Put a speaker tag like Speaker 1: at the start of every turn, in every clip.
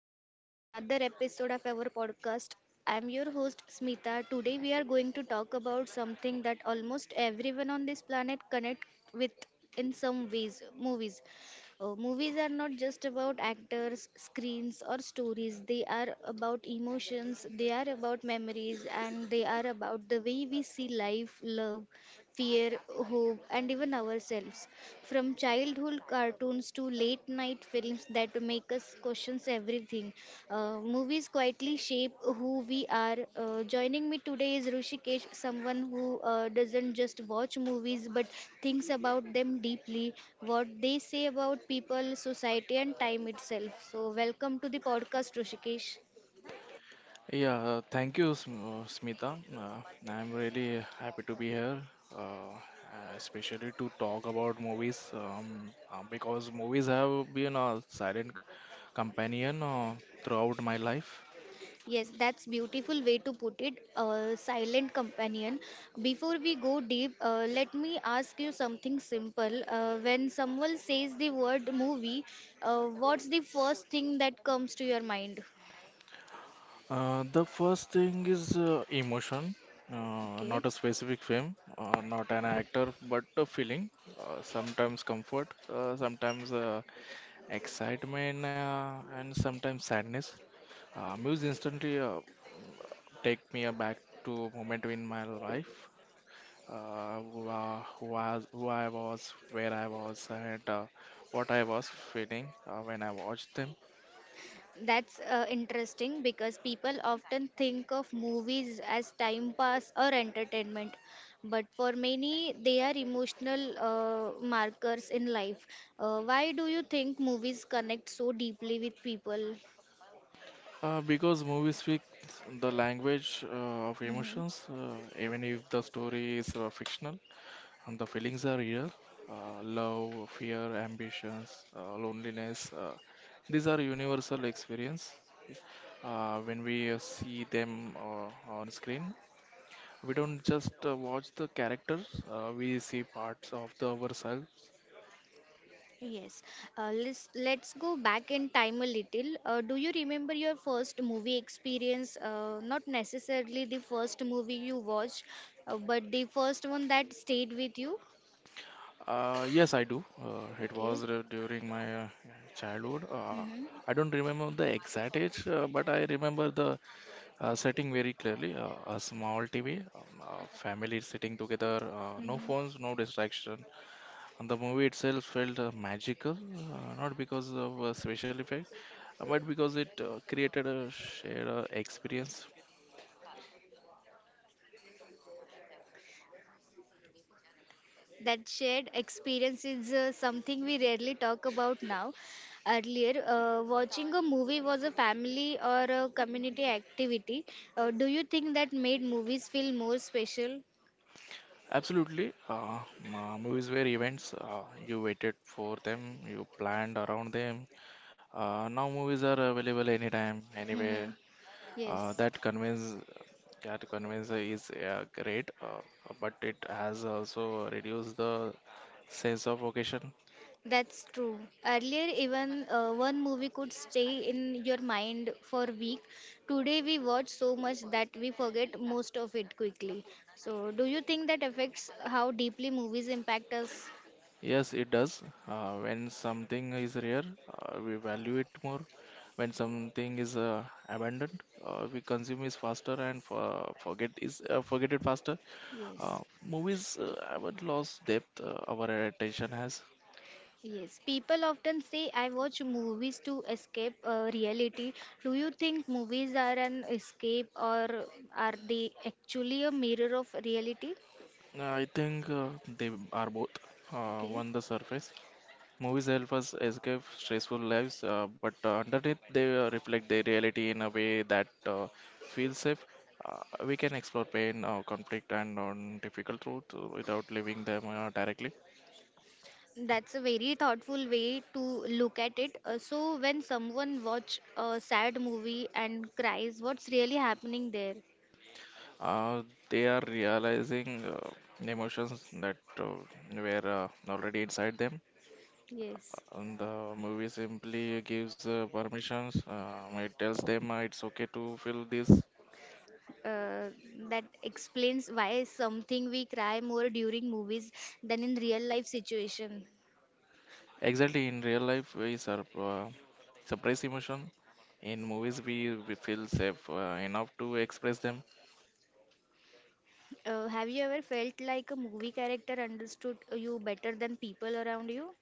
Speaker 1: welcome to the another episode of our podcast. I'm your host Smita. Today we are going to talk about something that almost everyone on this planet connect with in some ways, movies. Movies are not just about actors, screens or stories. They are about emotions, they are about memories and they are about the way we see life, love fear, hope, and even ourselves. From childhood cartoons to late night films that make us question everything, movies quietly shape who we are. Joining me today is Rushikesh, someone who doesn't just watch movies but thinks about them deeply, what they say about people, society, and time itself. So, welcome to the podcast, Rushikesh.
Speaker 2: Yeah, thank you, Smita. I'm really happy to be here, especially to talk about movies because movies have been a silent companion throughout my life.
Speaker 1: Yes, that's beautiful way to put it. Silent companion. Before we go deep, let me ask you something simple. When someone says the word movie, what's the first thing that comes to your mind?
Speaker 2: The first thing is emotion,
Speaker 1: Okay,
Speaker 2: not a specific film, not an actor, but a feeling. Sometimes comfort, sometimes excitement, and sometimes sadness. Movies instantly take me back to a moment in my life, who I was, where I was, and what I was feeling when I watched them.
Speaker 1: that's interesting because people often think of movies as time pass or entertainment, but for many they are emotional markers in life. Why do you think movies connect so deeply with people?
Speaker 2: Because movies speak the language of
Speaker 1: Hmm.
Speaker 2: emotions, even if the story is fictional, and the feelings are real. Love, fear, ambitions, loneliness. These are universal experience, okay? When we see them on screen, we don't just watch the characters, we see parts of the ourselves.
Speaker 1: Yes. Let's go back in time a little. Do you remember your first movie experience? Not necessarily the first movie you watched, but the first one that stayed with you.
Speaker 2: Yes, I do. It was
Speaker 1: Okay.
Speaker 2: during my childhood.
Speaker 1: Mm-hmm.
Speaker 2: I don't remember the exact age but I remember the setting very clearly. A small tv, family sitting together, no
Speaker 1: Mm-hmm.
Speaker 2: phones, no distraction, and the movie itself felt magical, not because of a special effect but because it created a shared experience.
Speaker 1: That shared experience is something we rarely talk about now. Earlier, watching a movie was a family or a community activity. Do you think that made movies feel more special?
Speaker 2: Absolutely. Movies were events. You waited for them, you planned around them. Now movies are available anytime,
Speaker 1: Mm-hmm.
Speaker 2: anywhere. Uh,
Speaker 1: Yes.
Speaker 2: that convenience, that convenience is great, but it has also reduced the sense of occasion.
Speaker 1: That's true. Earlier, even one movie could stay in your mind for a week. Today, we watch so much that we forget most of it quickly. So, do you think that affects how deeply movies impact us?
Speaker 2: Yes, it does. When something is rare, we value it more. When something is abandoned, we consume it faster and forget it faster. Uh,
Speaker 1: Yes.
Speaker 2: Movies haven't lost depth, our attention has.
Speaker 1: Yes. People often say, I watch movies to escape reality. Do you think movies are an escape or are they actually a mirror of reality?
Speaker 2: I think they are both
Speaker 1: Okay.
Speaker 2: on the surface. Movies help us escape stressful lives, but underneath they reflect the reality in a way that feels safe. We can explore pain, conflict, and on difficult truth without leaving them directly.
Speaker 1: That's a very thoughtful way to look at it. So when someone watch a sad movie and cries, what's really happening there?
Speaker 2: Uh, they are realizing emotions that were already inside them.
Speaker 1: Yes.
Speaker 2: And the movie simply gives permissions. It tells them it's okay to feel this.
Speaker 1: Uh, that explains why something we cry more during movies than in real life situation.
Speaker 2: Exactly. In real life, we suppress emotion. In movies, we feel safe enough to express them.
Speaker 1: Have you ever felt like a movie character understood you better than people around you?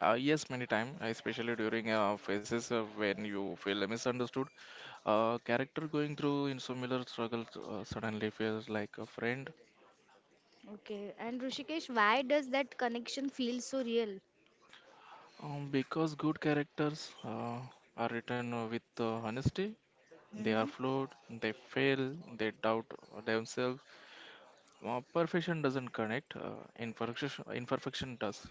Speaker 2: Yes, many time, especially during phases of when you feel misunderstood. A character going through in similar struggles suddenly feels like a friend.
Speaker 1: Okay. And Rushikesh, why does that connection feel so real?
Speaker 2: Because good characters are written with honesty. They are
Speaker 1: Mm-hmm.
Speaker 2: flawed, they fail, they doubt themselves. Perfection doesn't connect, imperfection does.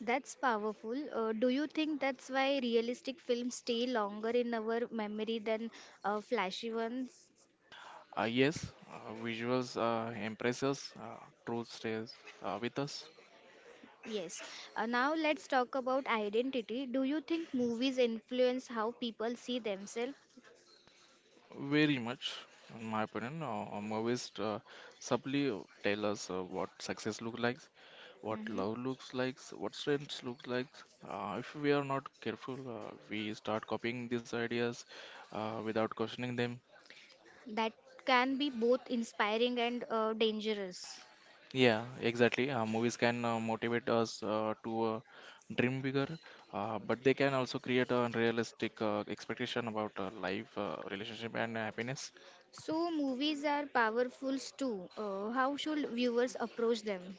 Speaker 1: That's powerful. Do you think that's why realistic films stay longer in our memory than flashy ones?
Speaker 2: Yes, visuals impress us, truth stays with us.
Speaker 1: Yes. Now let's talk about identity. Do you think movies influence how people see themselves?
Speaker 2: Very much, in my opinion. Movies subtly tell us what success looks like, what
Speaker 1: Hmm.
Speaker 2: love looks like, what strength looks like. If we are not careful, we start copying these ideas without questioning them.
Speaker 1: That can be both inspiring and dangerous.
Speaker 2: Yeah, exactly. Movies can motivate us to dream bigger, but they can also create a unrealistic expectation about life, relationship, and happiness.
Speaker 1: So, movies are powerful too. How should viewers approach them?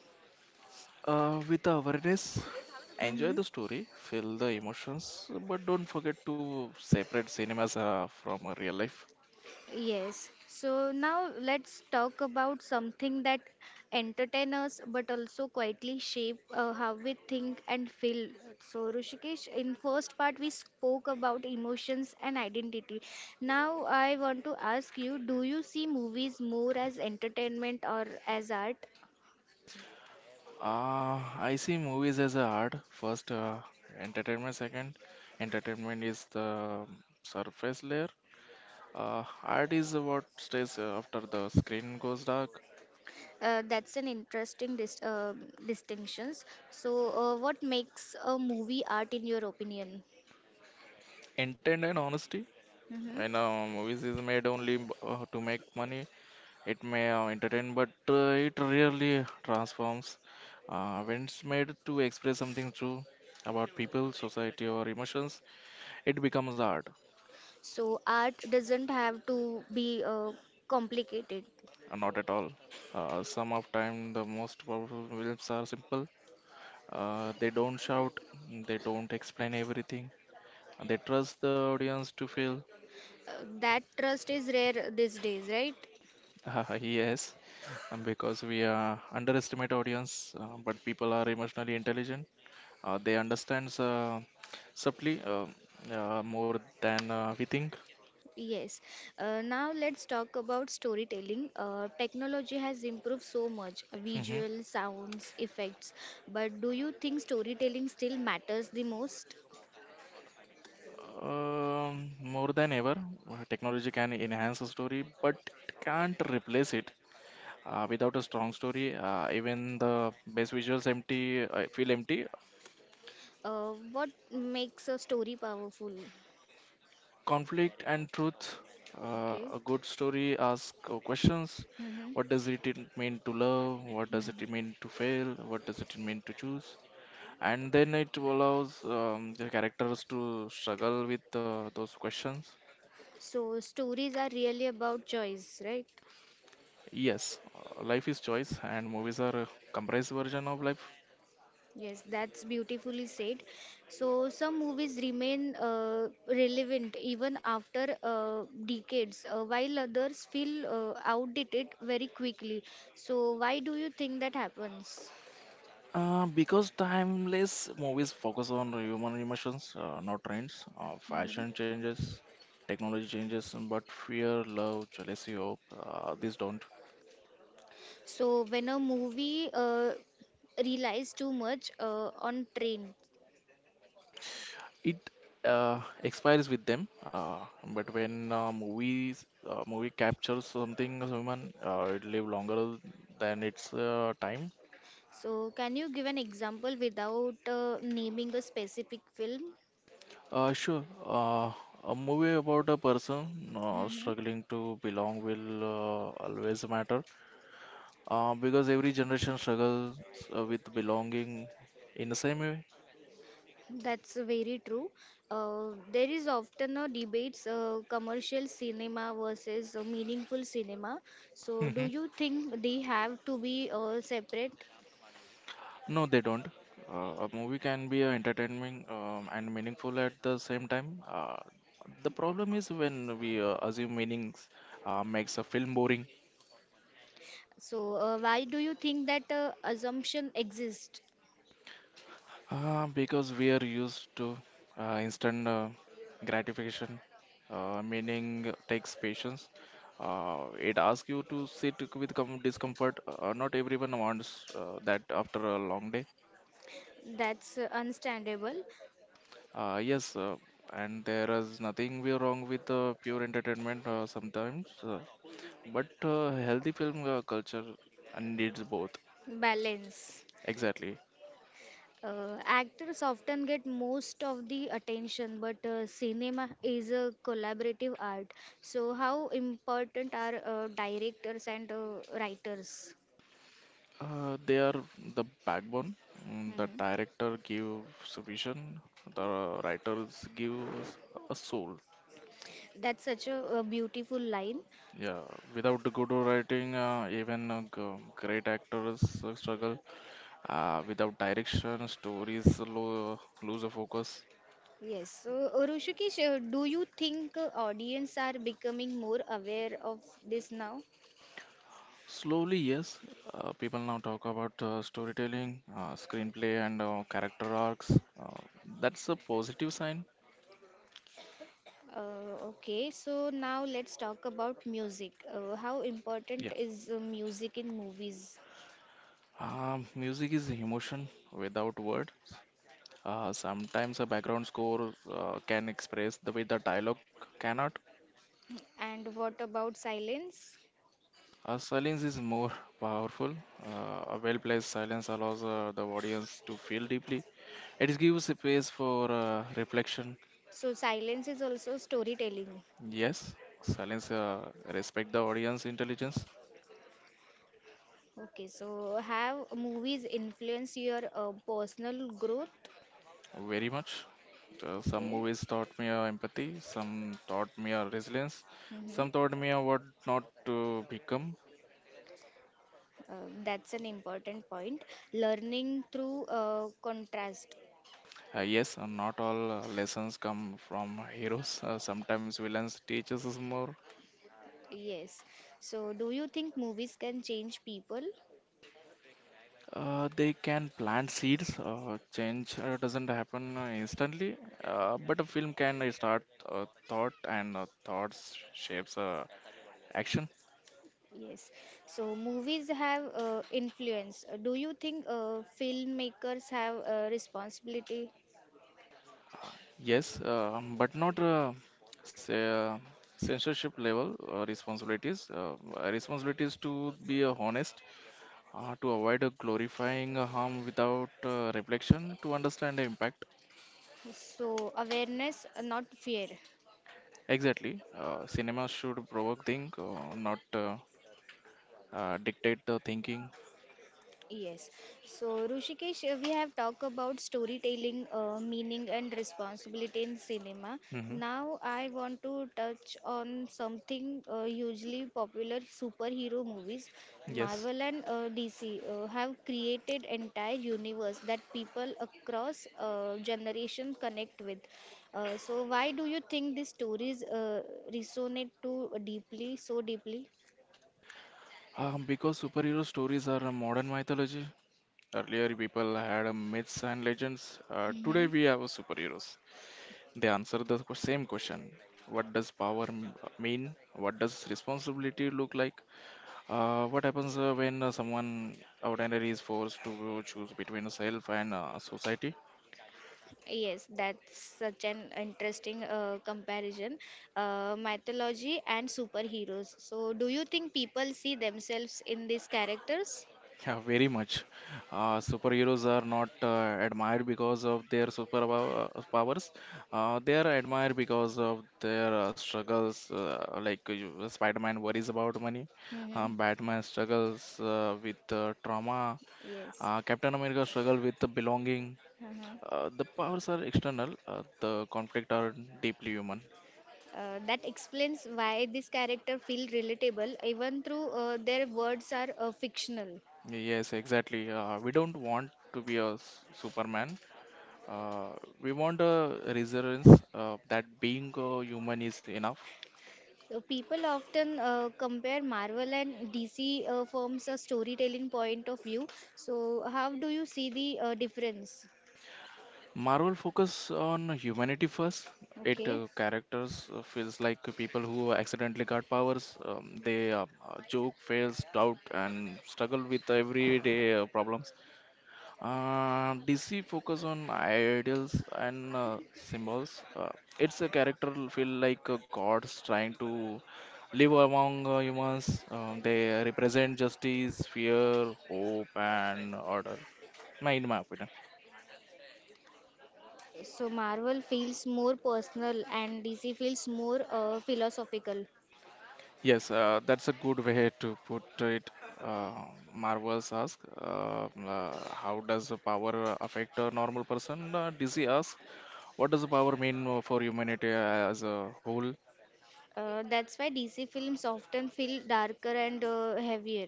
Speaker 2: With the awareness, enjoy
Speaker 1: Hmm.
Speaker 2: the story, feel the emotions, but don't forget to separate cinemas from real life.
Speaker 1: Yes. So now let's talk about something that entertain us but also quietly shape how we think and feel. So Rushikesh, in first part we spoke about emotions and identity. Now I want to ask you, do you see movies more as entertainment or as art?
Speaker 2: I see movies as a art. First, entertainment. Second, entertainment is the surface layer. Art is what stays after the screen goes dark.
Speaker 1: That's an interesting distinctions. So what makes a movie art in your opinion?
Speaker 2: Intent and honesty.
Speaker 1: Mm-hmm.
Speaker 2: When movies is made only to make money, it may entertain, but it rarely transforms. When it's made to express something true about people, society, or emotions, it becomes art.
Speaker 1: So art doesn't have to be complicated.
Speaker 2: Not at all. Some of time the most powerful films are simple. They don't shout. They don't explain everything. They trust the audience to feel.
Speaker 1: Uh, that trust is rare these days, right?
Speaker 2: Yes. Because we underestimate audience, but people are emotionally intelligent. They understand subtly more than we think.
Speaker 1: Yes. Now let's talk about storytelling. Technology has improved so much,
Speaker 2: Hmm.
Speaker 1: visual, sounds, effects. But do you think storytelling still matters the most?
Speaker 2: Um, More than ever, technology can enhance a story, but it can't replace it. Without a strong story, even the best visuals empty feel empty.
Speaker 1: What makes a story powerful?
Speaker 2: Conflict and truth.
Speaker 1: Okay.
Speaker 2: A good story asks questions.
Speaker 1: Mm-hmm.
Speaker 2: What does it mean to love? What does it
Speaker 1: Mm-hmm.
Speaker 2: mean to fail? What does it mean to choose? And then it allows the characters to struggle with those questions.
Speaker 1: So stories are really about choice, right?
Speaker 2: Yes, life is choice, and movies are a compressed version of life.
Speaker 1: Yes, that's beautifully said. So, some movies remain relevant even after decades, while others feel outdated very quickly. So, why do you think that happens?
Speaker 2: Because timeless movies focus on human emotions, not trends,
Speaker 1: Mhm.
Speaker 2: fashion changes, technology changes, but fear, love, jealousy, hope, these don't.
Speaker 1: So, when a movie relies too much on trend,
Speaker 2: It expires with them, but when movie captures something as human, it live longer than its time.
Speaker 1: so can you give an example without naming a specific film?
Speaker 2: Sure, a movie about a person struggling to belong will always matter because every generation struggles with belonging in the same way.
Speaker 1: That's very true. There is often a debates commercial cinema versus meaningful cinema. So, do
Speaker 2: Hmm.
Speaker 1: you think they have to be separate?
Speaker 2: No, they don't. A movie can be entertaining and meaningful at the same time. The problem is when we assume meanings makes a film boring.
Speaker 1: So, why do you think that assumption exists?
Speaker 2: Because we are used to instant gratification. Meaning takes patience. It asks you to sit with discomfort. Not everyone wants that after a long day.
Speaker 1: That's understandable.
Speaker 2: Yes, and there is nothing we wrong with pure entertainment sometimes, but healthy film culture needs both.
Speaker 1: Balance.
Speaker 2: Exactly.
Speaker 1: Actors often get most of the attention, but cinema is a collaborative art. So, how important are directors and writers?
Speaker 2: They are the backbone. The
Speaker 1: Mhm.
Speaker 2: director gives vision, the writers gives a soul.
Speaker 1: That's such a beautiful line.
Speaker 2: Yeah, without the good writing, even great actors struggle. Without direction, stories lose a focus.
Speaker 1: Yes. So, Rushikesh, do you think audience are becoming more aware of this now?
Speaker 2: Slowly, yes. People now talk about storytelling, screenplay, and character arcs. Uh, that's a positive sign.
Speaker 1: Okay. So now let's talk about music. How
Speaker 2: Yeah.
Speaker 1: important is music in movies?
Speaker 2: Music is emotion without words. Sometimes a background score can express the way the dialogue cannot.
Speaker 1: And what about silence?
Speaker 2: Silence is more powerful. A well placed silence allows the audience to feel deeply. It gives space for reflection.
Speaker 1: So silence is also storytelling.
Speaker 2: Yes, silence respect the audience intelligence.
Speaker 1: Okay. So have movies influence your personal growth?
Speaker 2: Very much. Some
Speaker 1: Okay.
Speaker 2: movies taught me empathy, some taught me resilience,
Speaker 1: Mm-hmm.
Speaker 2: some taught me what not to become.
Speaker 1: That's an important point. Learning through contrast.
Speaker 2: Yes, not all lessons come from heroes. Sometimes villains teach us more.
Speaker 1: Yes. So, do you think movies can change people?
Speaker 2: They can plant seeds. Change doesn't happen instantly, but a film can start thought, and thoughts shapes action.
Speaker 1: Yes. So, movies have influence. Do you think filmmakers have responsibility?
Speaker 2: Yes, but not say, censorship level responsibilities. Responsibilities to be honest, to avoid glorifying harm without reflection, to understand the impact.
Speaker 1: So, awareness, not fear.
Speaker 2: Exactly. Cinema should provoke think, not dictate the thinking.
Speaker 1: Yes. So, Rushikesh, we have talked about storytelling, meaning, and responsibility in cinema.
Speaker 2: Hmm.
Speaker 1: Now, I want to touch on something hugely popular superhero movies.
Speaker 2: Yes.
Speaker 1: Marvel and DC have created entire universe that people across generations connect with. So, why do you think these stories resonate too deeply, so deeply?
Speaker 2: Because superhero stories are a modern mythology. Earlier, people had myths and legends. Today,
Speaker 1: Hmm.
Speaker 2: we have superheroes. They answer the same question. What does power mean? What does responsibility look like? What happens when someone ordinary is forced to choose between self and society?
Speaker 1: Yes, that's such an interesting comparison. Mythology and superheroes. So, do you think people see themselves in these characters?
Speaker 2: Yeah, very much. Superheroes are not admired because of their super powers. They are admired because of their struggles. Like Spider-Man worries about money.
Speaker 1: Mm-hmm.
Speaker 2: Batman struggles with trauma.
Speaker 1: Yes.
Speaker 2: Captain America struggle with the belonging.
Speaker 1: Uh-huh.
Speaker 2: The powers are external. The conflict are deeply human.
Speaker 1: That explains why this character feel relatable even through their words are fictional.
Speaker 2: Yes, exactly. We don't want to be a Superman. Uh, we want a resurgence that being a human is enough.
Speaker 1: So people often compare Marvel and DC firms a storytelling point of view. So how do you see the difference?
Speaker 2: Marvel focus on humanity first. It
Speaker 1: Okay.
Speaker 2: characters feels like people who accidentally got powers. They joke, fails, doubt, and struggle with everyday problems. DC focus on ideals and symbols. It's a character feel like gods trying to live among humans. They represent justice, fear, hope, and order. In my opinion,
Speaker 1: Okay, so Marvel feels more personal and DC feels more philosophical.
Speaker 2: yes, that's a good way to put it. Uh, Marvel's ask, how does the power affect a normal person? DC asks, what does the power mean for humanity as a whole?
Speaker 1: That's why DC films often feel darker and heavier.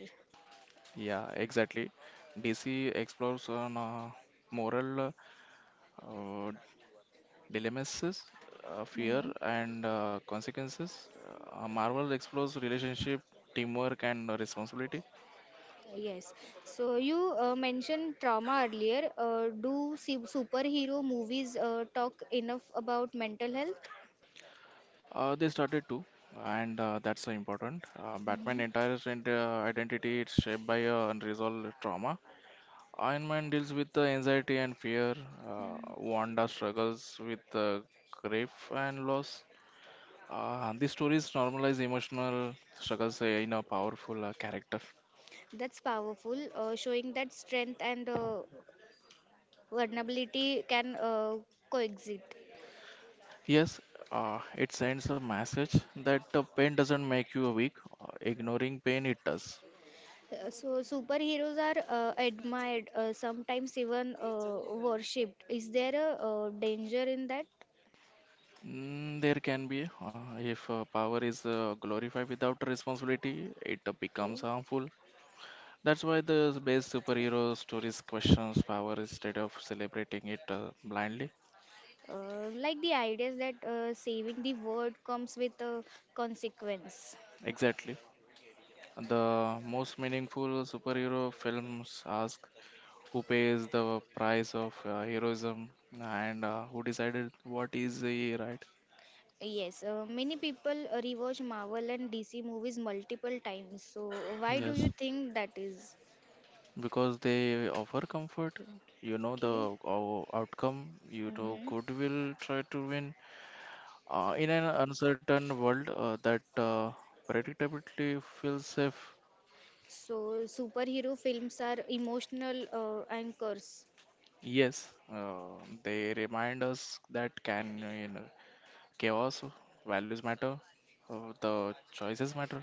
Speaker 2: Yeah, exactly. DC explores on moral uh, dilemmas, fear,
Speaker 1: Mhm.
Speaker 2: and consequences. Marvel explores relationship, teamwork, and responsibility.
Speaker 1: Yes. So you mentioned trauma earlier. Do su- superhero movies talk enough about mental health?
Speaker 2: They started too, and that's important.
Speaker 1: Hmm.
Speaker 2: Batman entire identity is shaped by unresolved trauma. Iron Man deals with anxiety and fear.
Speaker 1: Mhm.
Speaker 2: Wanda struggles with grief and loss. These stories normalize emotional struggles in a powerful character.
Speaker 1: That's powerful, showing that strength and vulnerability can coexist.
Speaker 2: Yes, it sends a message that pain doesn't make you weak. Ignoring pain, it does.
Speaker 1: So superheroes are admired, sometimes even worshipped. Is there a danger in that?
Speaker 2: There can be, if power is glorified without responsibility, it
Speaker 1: Okay.
Speaker 2: becomes harmful. That's why the best superhero stories questions power instead of celebrating it blindly.
Speaker 1: Like the ideas that saving the world comes with a consequence.
Speaker 2: Exactly. The most meaningful superhero films ask who pays the price of heroism and who decided what is the right.
Speaker 1: Yes, many people rewatch Marvel and DC movies multiple times. So why do
Speaker 2: Yes,
Speaker 1: you think that is?
Speaker 2: because they offer comfort, you know the
Speaker 1: Okay.
Speaker 2: outcome, you know
Speaker 1: Hmm.
Speaker 2: goodwill try to win. In an uncertain world that predictably feels safe,
Speaker 1: So superhero films are emotional anchors.
Speaker 2: yes, they remind us that can you know chaos values matter, the choices matter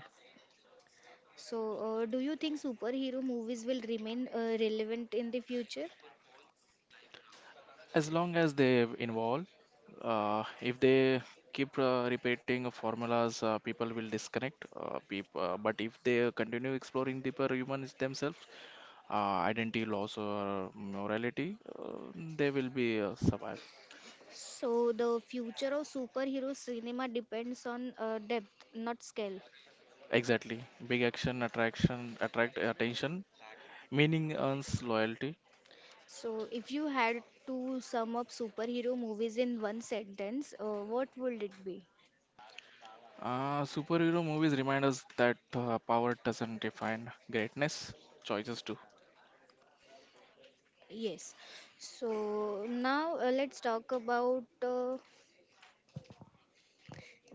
Speaker 1: So, do you think superhero movies will remain relevant in the future?
Speaker 2: as long as they involve if they keep repeating formulas people will disconnect but if they continue exploring deeper humans themselves, identity loss or morality, they will be survive.
Speaker 1: So, the future of superhero cinema depends on depth, not scale.
Speaker 2: Exactly. Big action attraction attract attention, meaning earns loyalty.
Speaker 1: So, if you had to sum up superhero movies in one sentence, what would it be?
Speaker 2: Superhero movies remind us that power doesn't define greatness, choices do.
Speaker 1: Yes. So, now let's talk about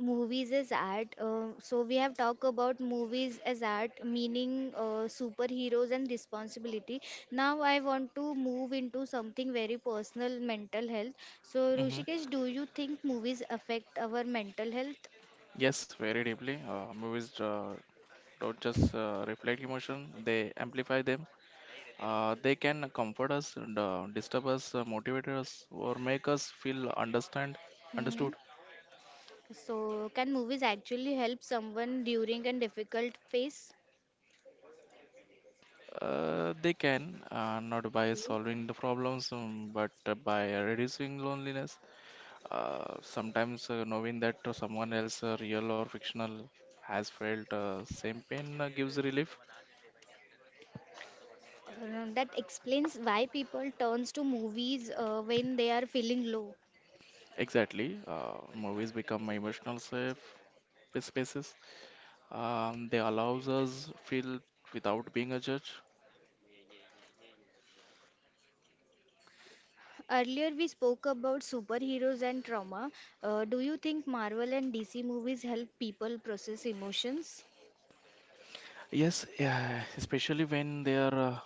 Speaker 1: movies as art, so we have talked about movies as art meaning superheroes and responsibility. Now I want to move into something very personal, mental health. So
Speaker 2: Hmm.
Speaker 1: Rushikesh, do you think movies affect our mental health?
Speaker 2: Yes, very deeply. Movies don't just reflect emotion, they amplify them. They can comfort us and disturb us, motivate us, or make us feel understand
Speaker 1: Hmm.
Speaker 2: understood.
Speaker 1: So can movies actually help someone during a difficult phase?
Speaker 2: They can, not by
Speaker 1: Okay.
Speaker 2: solving the problems, but by reducing loneliness. Sometimes knowing that someone else, real or fictional, has felt same pain gives relief.
Speaker 1: That explains why people turns to movies when they are feeling low.
Speaker 2: Exactly. Movies become emotional safe spaces. They allows us feel without being a judge.
Speaker 1: Earlier, we spoke about superheroes and trauma. Do you think Marvel and DC movies help people process emotions?
Speaker 2: Yes, yeah, especially when they are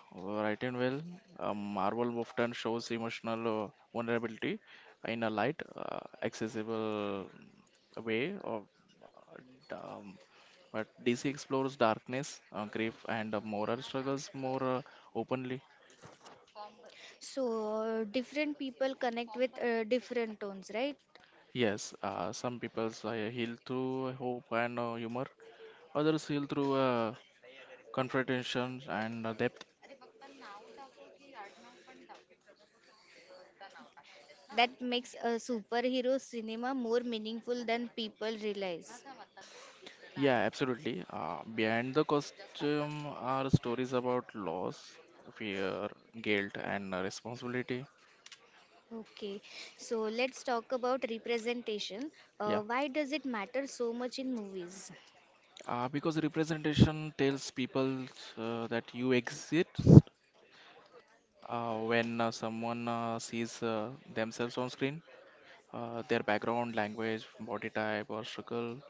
Speaker 2: written well. Marvel often shows emotional vulnerability in a light, accessible way of um, but DC explores darkness, grief, and moral struggles more openly.
Speaker 1: So, different people connect with different tones, right?
Speaker 2: Yes, some people heal through hope and humor, others heal through confrontation and depth.
Speaker 1: That makes a superhero cinema more meaningful than people realize.
Speaker 2: Yeah, absolutely. Behind the costume are stories about loss, fear, guilt, and responsibility.
Speaker 1: Okay, so let's talk about representation.
Speaker 2: Yeah,
Speaker 1: Why does it matter so much in movies?
Speaker 2: because representation tells people that you exist when someone sees themselves on screen, their background, language, body type, or struggle.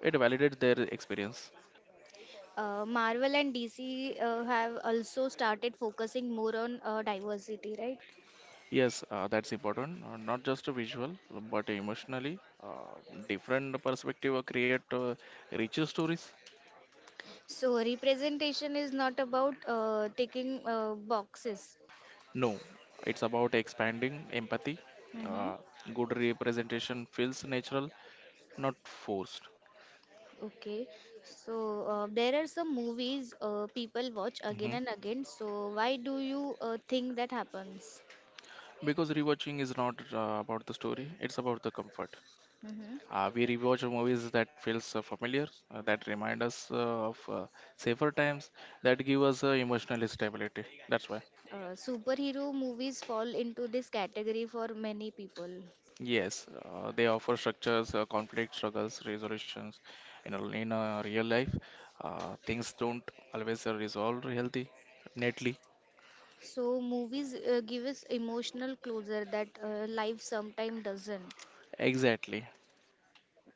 Speaker 2: It validates their experience.
Speaker 1: Marvel and DC have also started focusing more on diversity, right?
Speaker 2: Yes, that's important. Not just a visual, but emotionally, different perspective create richer stories.
Speaker 1: So representation is not about taking boxes.
Speaker 2: No, it's about expanding empathy.
Speaker 1: Mm-hmm.
Speaker 2: Uh, Good representation feels natural, not forced.
Speaker 1: Okay, so there are some movies people watch again
Speaker 2: Hmm.
Speaker 1: and again. So why do you think that happens?
Speaker 2: Because rewatching is not about the story, it's about the comfort.
Speaker 1: Mm-hmm.
Speaker 2: We rewatch movies that feels familiar, that remind us of safer times, that give us emotional stability. That's why.
Speaker 1: Superhero movies fall into this category for many people.
Speaker 2: Yes, they offer structures, conflict, struggles, resolutions. In a real life, things don't always resolve healthy, neatly.
Speaker 1: So movies give us emotional closure that life sometimes doesn't.
Speaker 2: Exactly.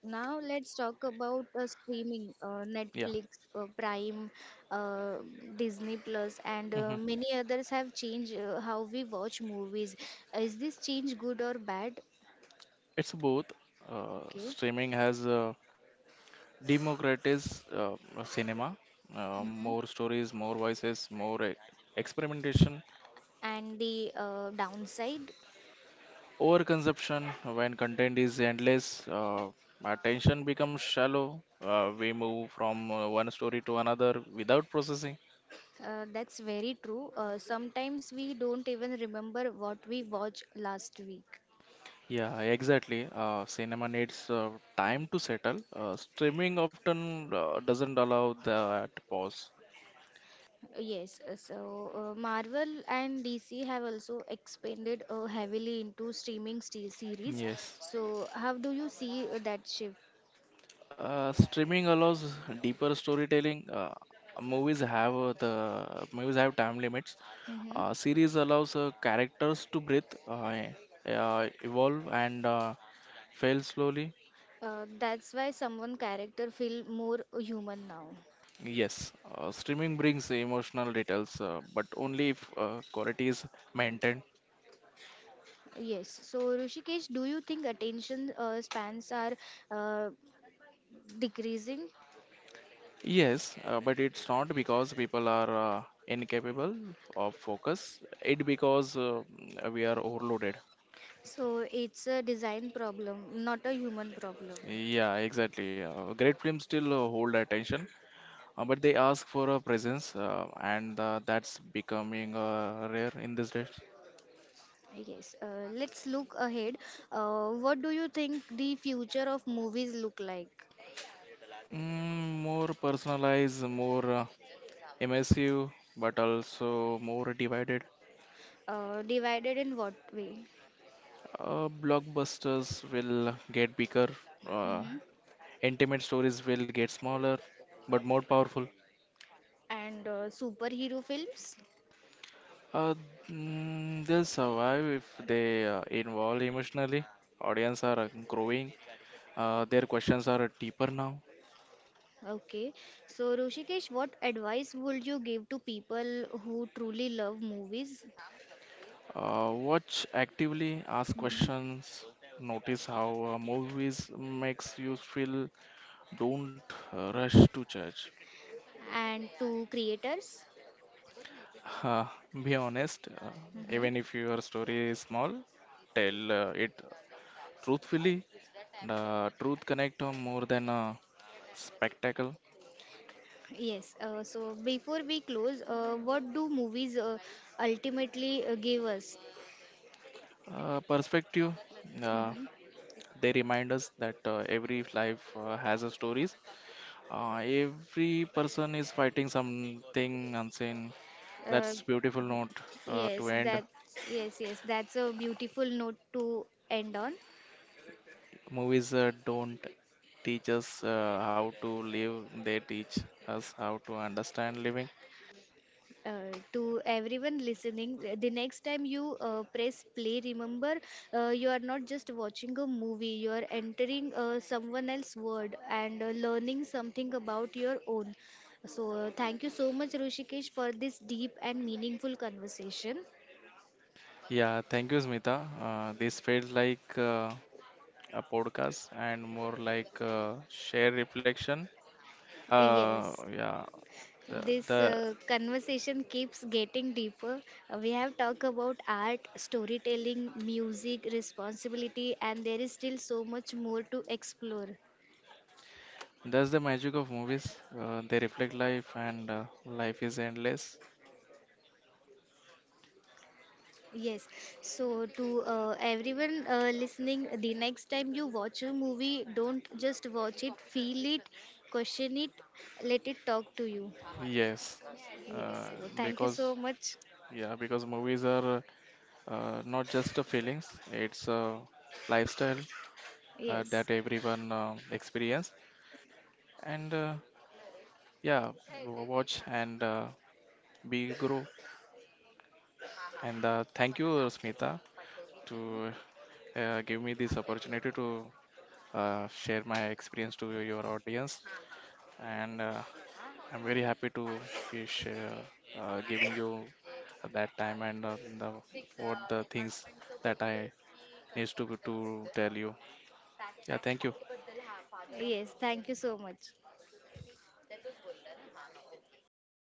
Speaker 1: Now let's talk about streaming,
Speaker 2: Yeah.
Speaker 1: Netflix, Prime, uh, Disney Plus, and
Speaker 2: Hmm.
Speaker 1: many others have changed how we watch movies. Is this change good or bad?
Speaker 2: It's both.
Speaker 1: Okay.
Speaker 2: Streaming has democratized cinema.
Speaker 1: Hmm.
Speaker 2: More stories, more voices, more experimentation.
Speaker 1: And the downside?
Speaker 2: Overconsumption, when content is endless, attention becomes shallow. We move from one story to another without processing.
Speaker 1: That's very true. Sometimes we don't even remember what we watched last week.
Speaker 2: Yeah, exactly. Cinema needs time to settle. Streaming often doesn't allow that pause.
Speaker 1: Yes, so Marvel and DC have also expanded heavily into streaming series.
Speaker 2: Yes.
Speaker 1: So, how do you see that shift?
Speaker 2: Streaming allows deeper storytelling. Movies have the movies have time limits.
Speaker 1: Hmm.
Speaker 2: Series allows characters to breathe, evolve, and fail slowly.
Speaker 1: That's why someone character feel more human now.
Speaker 2: Yes, streaming brings emotional details, but only if quality is maintained.
Speaker 1: Yes. So, Rishikesh, do you think attention spans are uh, decreasing?
Speaker 2: Yes, but it's not because people are incapable of focus. It because we are overloaded.
Speaker 1: So, it's a design problem, not a human problem.
Speaker 2: Yeah, exactly. Great films still hold attention, but they ask for a presence, and that's becoming rare in these days.
Speaker 1: Yes, let's look ahead. What do you think the future of movies look like?
Speaker 2: Mm, more personalized, more immersive, but also more divided.
Speaker 1: Divided in what way?
Speaker 2: Blockbusters will get bigger, uh,
Speaker 1: Hmm.
Speaker 2: intimate stories will get smaller, but more powerful.
Speaker 1: And superhero films?
Speaker 2: Uh, they'll survive if they involve emotionally. Audience are growing. Their questions are deeper now.
Speaker 1: Okay. So, Rushikesh, what advice would you give to people who truly love movies?
Speaker 2: Watch actively, ask
Speaker 1: Hmm.
Speaker 2: questions, notice how movies makes you feel. Don't rush to judge.
Speaker 1: And to creators?
Speaker 2: Uh, be honest,
Speaker 1: Hmm.
Speaker 2: even if your story is small, tell it truthfully. And truth connect more than spectacle.
Speaker 1: Yes, so before we close, what do movies ultimately give us?
Speaker 2: Perspective. Uh, they remind us that every life has a stories. Every person is fighting something unseen. That's
Speaker 1: Hmm.
Speaker 2: beautiful note to
Speaker 1: Yes,
Speaker 2: end.
Speaker 1: that yes, that's a beautiful note to end on.
Speaker 2: Movies don't teach us how to live; they teach us how to understand living.
Speaker 1: To everyone listening, the next time you press play, remember you are not just watching a movie, you are entering someone else's world and learning something about your own. So, thank you so much, Rushikesh, for this deep and meaningful conversation.
Speaker 2: Yeah, thank you, Smita. This felt like a podcast and more like shared reflection.
Speaker 1: Yes.
Speaker 2: Yeah, the
Speaker 1: This
Speaker 2: the
Speaker 1: conversation keeps getting deeper. We have talked about art, storytelling, music, responsibility, and there is still so much more to explore.
Speaker 2: that's the magic of movies. They reflect life, and life is endless.
Speaker 1: Yes. So, to everyone listening, the next time you watch a movie, don't just watch it, feel it, question it, let it talk to you.
Speaker 2: Yes,
Speaker 1: Yes.
Speaker 2: uh,
Speaker 1: So, thank you
Speaker 2: because
Speaker 1: so much.
Speaker 2: yeah, because movies are not just a feelings; it's a lifestyle
Speaker 1: Yes.
Speaker 2: that everyone experience. And Yeah, watch and be grow. And thank you, Smita, to give me this opportunity to share my experience to your audience. And I'm very happy to be share, giving you that time and the what the things that I needs to tell you. Yeah, thank you.
Speaker 1: Yes. Thank you so much.